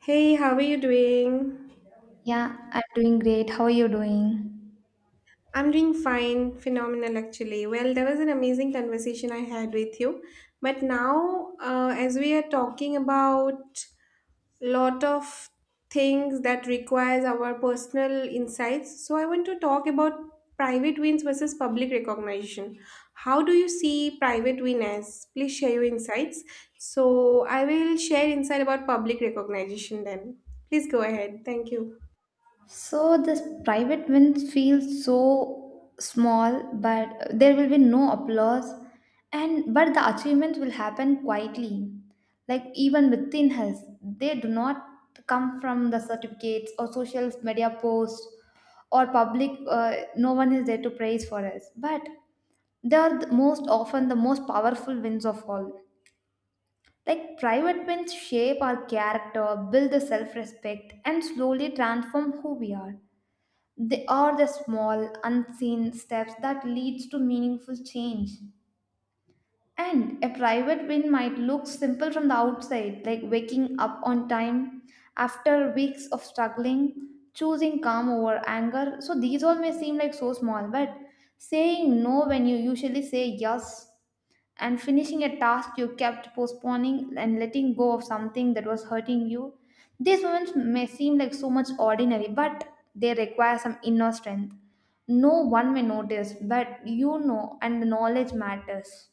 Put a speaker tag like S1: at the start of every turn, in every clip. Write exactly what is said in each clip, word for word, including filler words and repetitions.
S1: Hey, how are you doing?
S2: Yeah, I'm doing great. How are you doing?
S1: I'm doing fine, phenomenal actually. Well, there was an amazing conversation I had with you. But now, uh, as we are talking about lot of things that requires our personal insights, so I want to talk about private wins versus public recognition. How do you see private win as? Please share your insights. So I will share insight about public recognition then. Please go ahead. Thank you.
S2: So this private wins feel so small, but there will be no applause, and but the achievements will happen quietly, like even within us. They do not come from the certificates or social media posts or public. Uh, no one is there to praise for us, but they are the most often the most powerful wins of all. Like private wins shape our character, build the self respect, and slowly transform who we are. They are the small, unseen steps that leads to meaningful change. And a private win might look simple from the outside, like waking up on time after weeks of struggling, choosing calm over anger. So these all may seem like so small, but saying no when you usually say yes and finishing a task you kept postponing and letting go of something that was hurting you. These moments may seem like so much ordinary, but they require some inner strength. No one may notice, but you know, and the knowledge matters.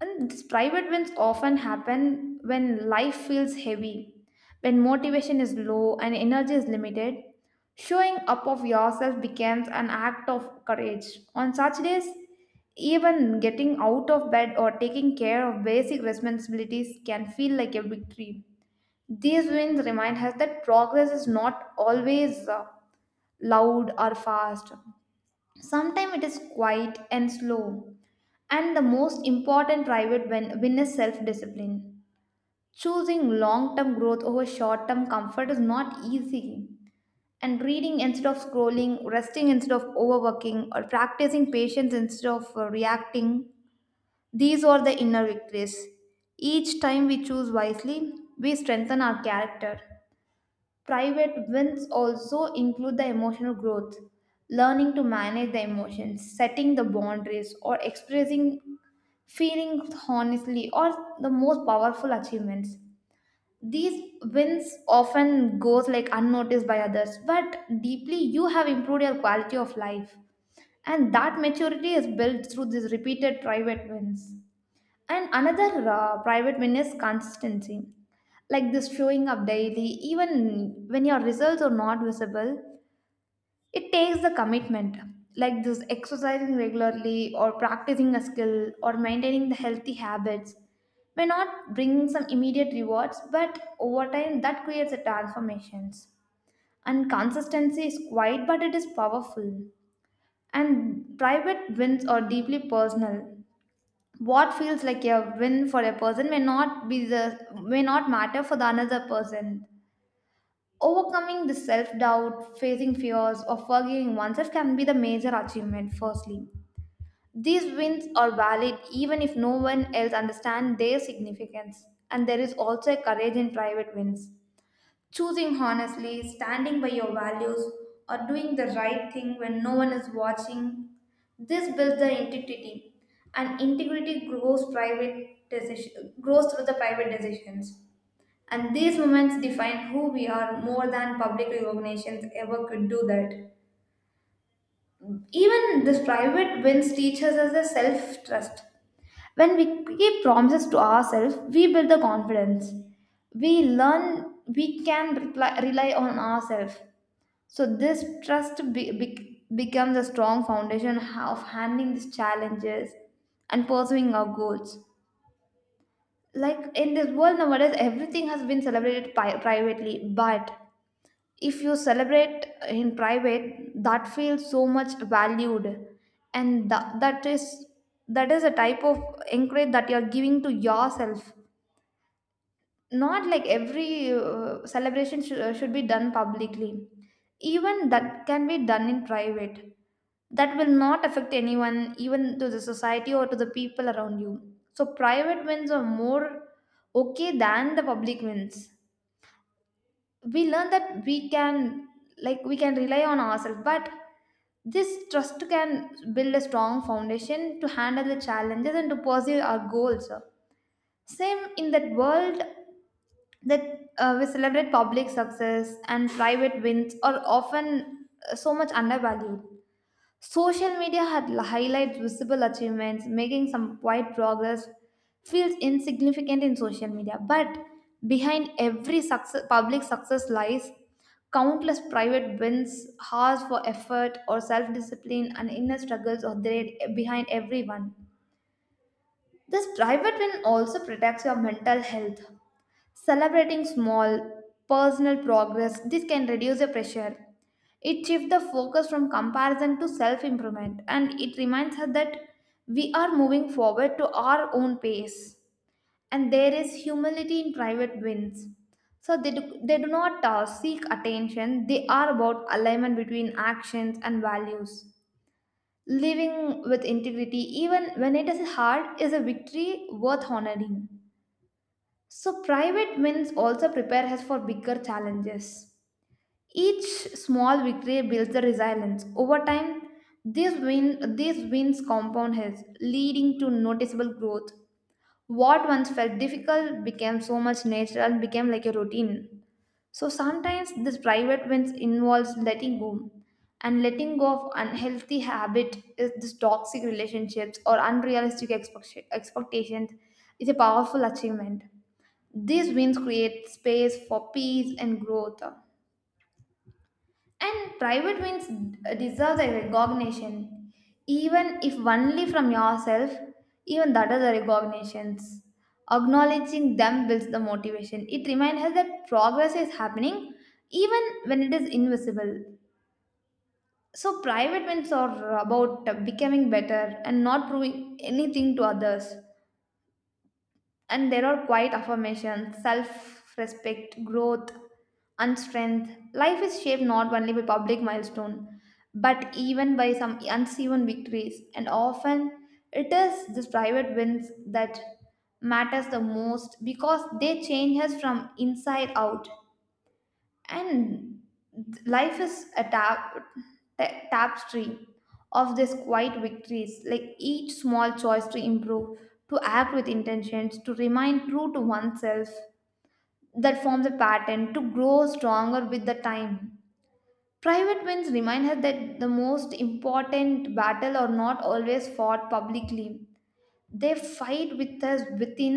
S2: And these private wins often happen when life feels heavy, when motivation is low and energy is limited. Showing up of yourself becomes an act of courage. On such days, even getting out of bed or taking care of basic responsibilities can feel like a victory. These wins remind us that progress is not always uh, loud or fast. Sometimes it is quiet and slow. And the most important private win, win is self discipline. Choosing long term growth over short term comfort is not easy. And reading instead of scrolling, resting instead of overworking, or practicing patience instead of uh, reacting, these are the inner victories. Each time we choose wisely, we strengthen our character. Private wins also include the emotional growth learning to manage the emotions, setting the boundaries, or expressing feeling honestly or the most powerful achievements these wins often goes like unnoticed by others but deeply you have improved your quality of life, and that maturity is built through these repeated private wins. And another uh, private win is consistency, like this showing up daily even when your results are not visible. It takes the commitment, like this exercising regularly or practicing a skill or maintaining the healthy habits may not bring some immediate rewards, but over time that creates a transformations. And consistency is quiet, but it is powerful. And private wins are deeply personal. What feels like a win for a person may not be the may not matter for the another person. Overcoming the self doubt, facing fears, or forgiving oneself can be the major achievement, firstly. These wins are valid even if no one else understands their significance, and there is also a courage in private wins. Choosing honestly, standing by your values, or doing the right thing when no one is watching, this builds the integrity, and integrity grows private decision, grows through the private decisions. And these moments define who we are more than public recognitions ever could do that. Even this private wins teaches us a self trust. When we keep promises to ourselves, we build the confidence. We learn we can reply, rely on ourselves. So, this trust be, be- becomes a strong foundation of handling these challenges and pursuing our goals. Like in this world nowadays, everything has been celebrated pi- privately, but if you celebrate in private that feels so much valued, and that, that is that is a type of encourage that you are giving to yourself, not like every uh, celebration sh- uh, should be done publicly. Even that can be done in private. That will not affect anyone, even to the society or to the people around you. So private wins are more okay than the public wins. We learn that we can, like we can rely on ourselves, but this trust can build a strong foundation to handle the challenges and to pursue our goals. Same in that world, that uh, we celebrate public success and private wins are often uh, so much undervalued. Social media had l- highlights visible achievements, making some quiet progress feels insignificant in social media. But behind every success, public success lies countless private wins, hours for effort or self discipline, and inner struggles are there behind everyone. This private win also protects your mental health. Celebrating small personal progress, this can reduce the pressure. It shifts the focus from comparison to self improvement, and it reminds us that we are moving forward to our own pace. And there is humility in private wins. So they do, they do not uh, seek attention, they are about alignment between actions and values. Living with integrity, even when it is hard, is a victory worth honoring. So, private wins also prepare us for bigger challenges. Each small victory builds the resilience. Over time, these, win, these wins compound has, leading to noticeable growth. What once felt difficult became so much natural and became like a routine. So sometimes this private wins involves letting go. And letting go of unhealthy habit is this toxic relationships or unrealistic expect- expectations is a powerful achievement. These wins create space for peace and growth. And private wins deserves a recognition, even if only from yourself, even that is a recognitions. Acknowledging them builds the motivation. It reminds us that progress is happening even when it is invisible. So private wins are about becoming better and not proving anything to others. And there are quiet affirmations, self respect, growth, and strength. Life is shaped not only by public milestone, but even by some unseen victories. And often it is these private wins that matters the most because they change us from inside out. And th- life is a tap, ta- tapestry of these quiet victories, like each small choice to improve, to act with intentions, to remain true to oneself, that forms a pattern to grow stronger with the time. Private wins remind her that the most important battle are not always fought publicly, they fight with us within,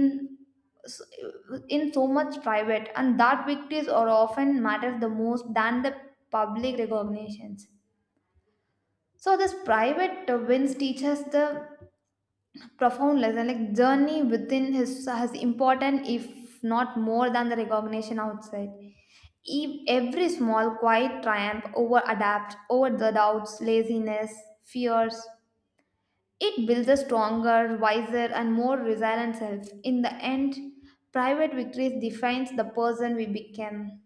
S2: in so much private, and that victories are often matter the most than the public recognitions. So this private wins teaches the profound lesson, like journey within his has important if not more than the recognition outside. Ev- every small quiet triumph over adapt over the doubts laziness fears, it builds a stronger, wiser, and more resilient self. In the end, private victories defines the person we become.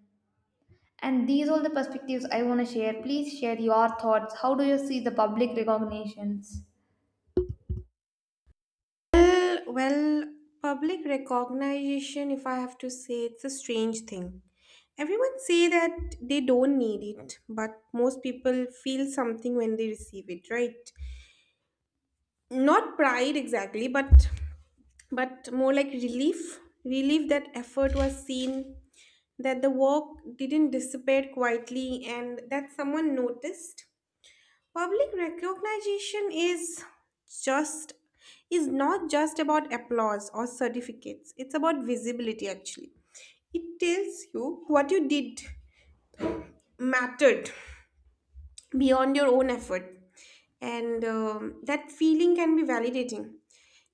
S2: And these all the perspectives I want to share. Please share your thoughts. How do you see the public recognitions?
S1: Well, public recognition, if I have to say, it's a strange thing. Everyone say that they don't need it, but most people feel something when they receive it, right? Not pride exactly, but but more like relief, relief that effort was seen, that the work didn't disappear quietly and that someone noticed. Public recognition is just is not just about applause or certificates. It's about visibility actually. It tells you what you did mattered beyond your own effort. And um, that feeling can be validating,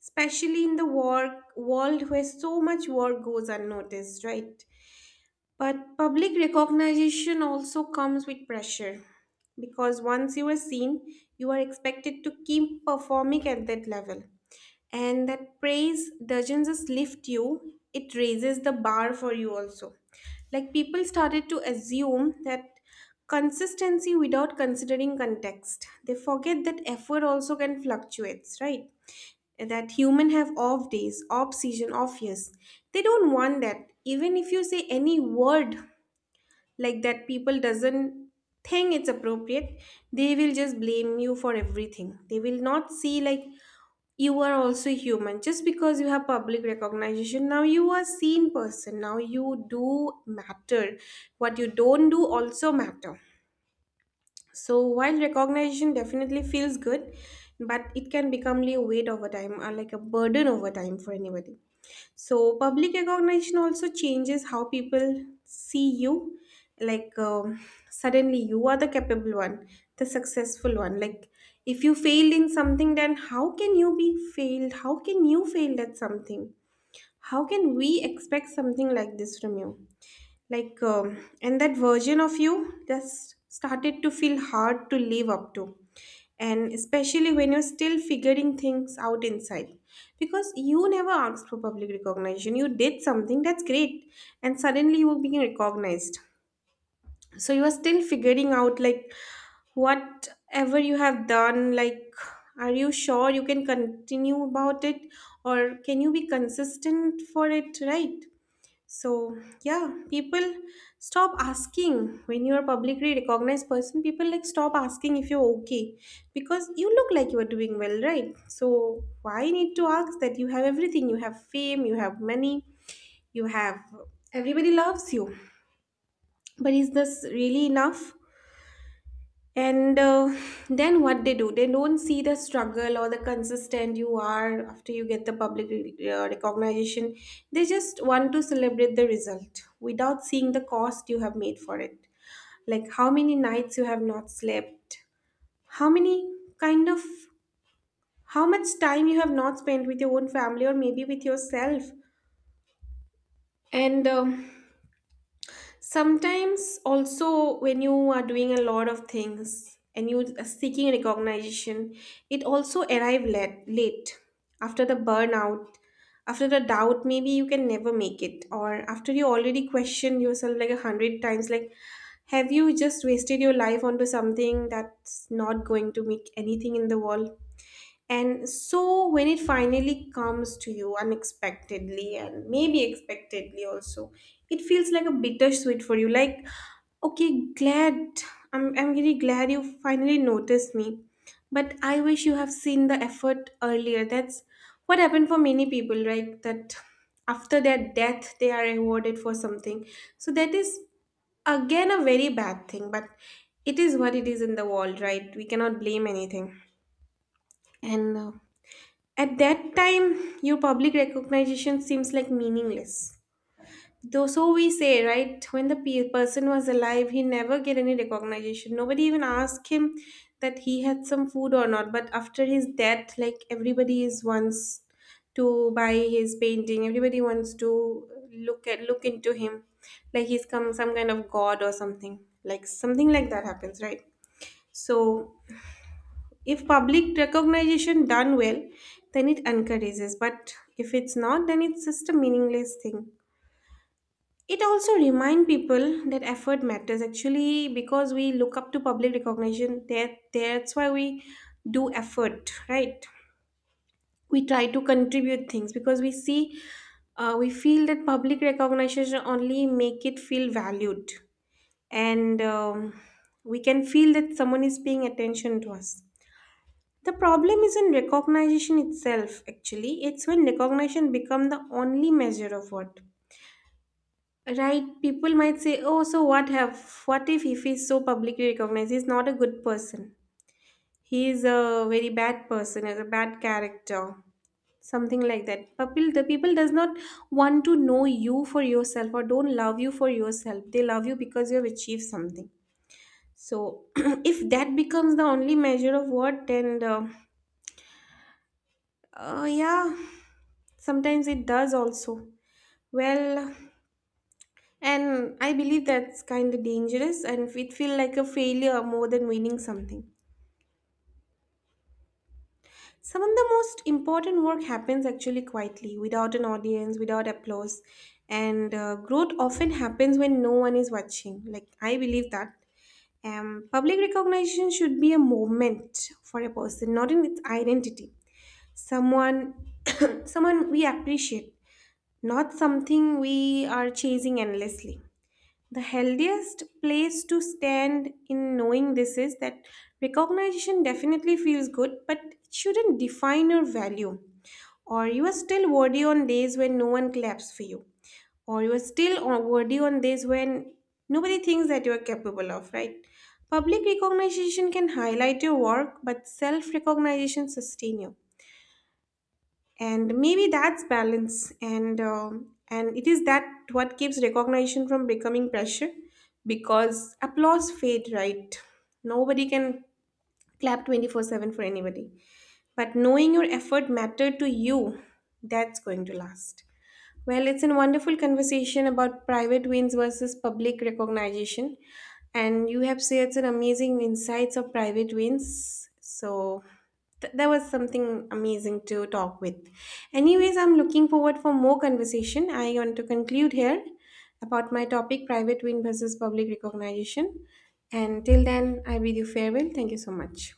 S1: especially in the work world where so much work goes unnoticed, right? But public recognition also comes with pressure because once you are seen, you are expected to keep performing at that level. And that praise doesn't just lift you, it raises the bar for you also. Like people started to assume that consistency without considering context. They forget that effort also can fluctuates, right? That human have off days, off season, off years. They don't want that. Even if you say any word like that, people doesn't think it's appropriate. They will just blame you for everything. They will not see like you are also human. Just because you have public recognition now, you are seen person now, you do matter, what you don't do also matter. So while recognition definitely feels good, but it can become a weight over time or like a burden over time for anybody. So public recognition also changes how people see you. Like, um, suddenly you are the capable one, the successful one. Like if you failed in something, then how can you be failed? How can you fail at something? How can we expect something like this from you? Like, um, and that version of you just started to feel hard to live up to. And especially when you're still figuring things out inside. Because you never asked for public recognition. You did something that's great. And suddenly you were being recognized. So you are still figuring out, like, whatever you have done, like, are you sure you can continue about it, or can you be consistent for it, right? So, yeah, people stop asking. When you're a publicly recognized person, people like stop asking if you're okay, because you look like you are doing well, right? So, why need to ask that you have everything? You have fame, you have money, you have everybody loves you. But is this really enough? And uh, then what they do, they don't see the struggle or the consistent you are after you get the public uh, recognition. They just want to celebrate the result without seeing the cost you have made for it. Like how many nights you have not slept, how many kind of how much time you have not spent with your own family or maybe with yourself. And um sometimes, also, when you are doing a lot of things and you are seeking recognition, it also arrive late, late after the burnout, after the doubt. Maybe you can never make it, or after you already question yourself like a hundred times, like have you just wasted your life onto something that's not going to make anything in the world. And so when it finally comes to you unexpectedly and maybe expectedly also, it feels like a bittersweet for you. Like, okay, glad I'm I'm really glad you finally noticed me. But I wish you have seen the effort earlier. That's what happened for many people, right? That after their death they are rewarded for something. So that is again a very bad thing, but it is what it is in the world, right? We cannot blame anything. And uh, at that time, your public recognition seems like meaningless. Though so we say, right? When the pe- person was alive, he never get any recognition. Nobody even asked him that he had some food or not. But after his death, like everybody is wants to buy his painting. Everybody wants to look at look into him, like he's come some kind of god or something. Like something like that happens, right? So if public recognition done well, then it encourages, but if it's not, then it's just a meaningless thing. It also reminds people that effort matters actually, because we look up to public recognition. That that's why we do effort, right? We try to contribute things because we see, uh, we feel that public recognition only make it feel valued. And um, we can feel that someone is paying attention to us. The problem isn't recognition itself, actually. It's when recognition becomes the only measure of what. Right? People might say, oh, so what have what if if he's so publicly recognized? He's not a good person. He is a very bad person, is a bad character. Something like that. People the people does not want to know you for yourself or don't love you for yourself. They love you because you have achieved something. So if that becomes the only measure of what, then uh, Uh, yeah, sometimes it does also. Well, and I believe that's kind of dangerous and it feel like a failure more than winning something. Some of the most important work happens actually quietly, without an audience, without applause. And uh, growth often happens when no one is watching. Like, I believe that. Um, public recognition should be a moment for a person, not in its identity. Someone, Someone we appreciate, not something we are chasing endlessly. The healthiest place to stand in knowing this is that recognition definitely feels good, but it shouldn't define your value. Or you are still worthy on days when no one claps for you. Or you are still o- worthy on days when nobody thinks that you are capable of, right? Public recognition can highlight your work, but self recognition sustain you. And maybe that's balance, and um, and it is that what keeps recognition from becoming pressure, because applause fade, right? Nobody can clap twenty four seven for anybody, but knowing your effort mattered to you, that's going to last. Well, it's a wonderful conversation about private wins versus public recognition. And you have shared some amazing insights of private wins. So th- that was something amazing to talk with. Anyways, I'm looking forward for more conversation. I want to conclude here about my topic, private win versus public recognition. And till then, I bid you farewell. Thank you so much.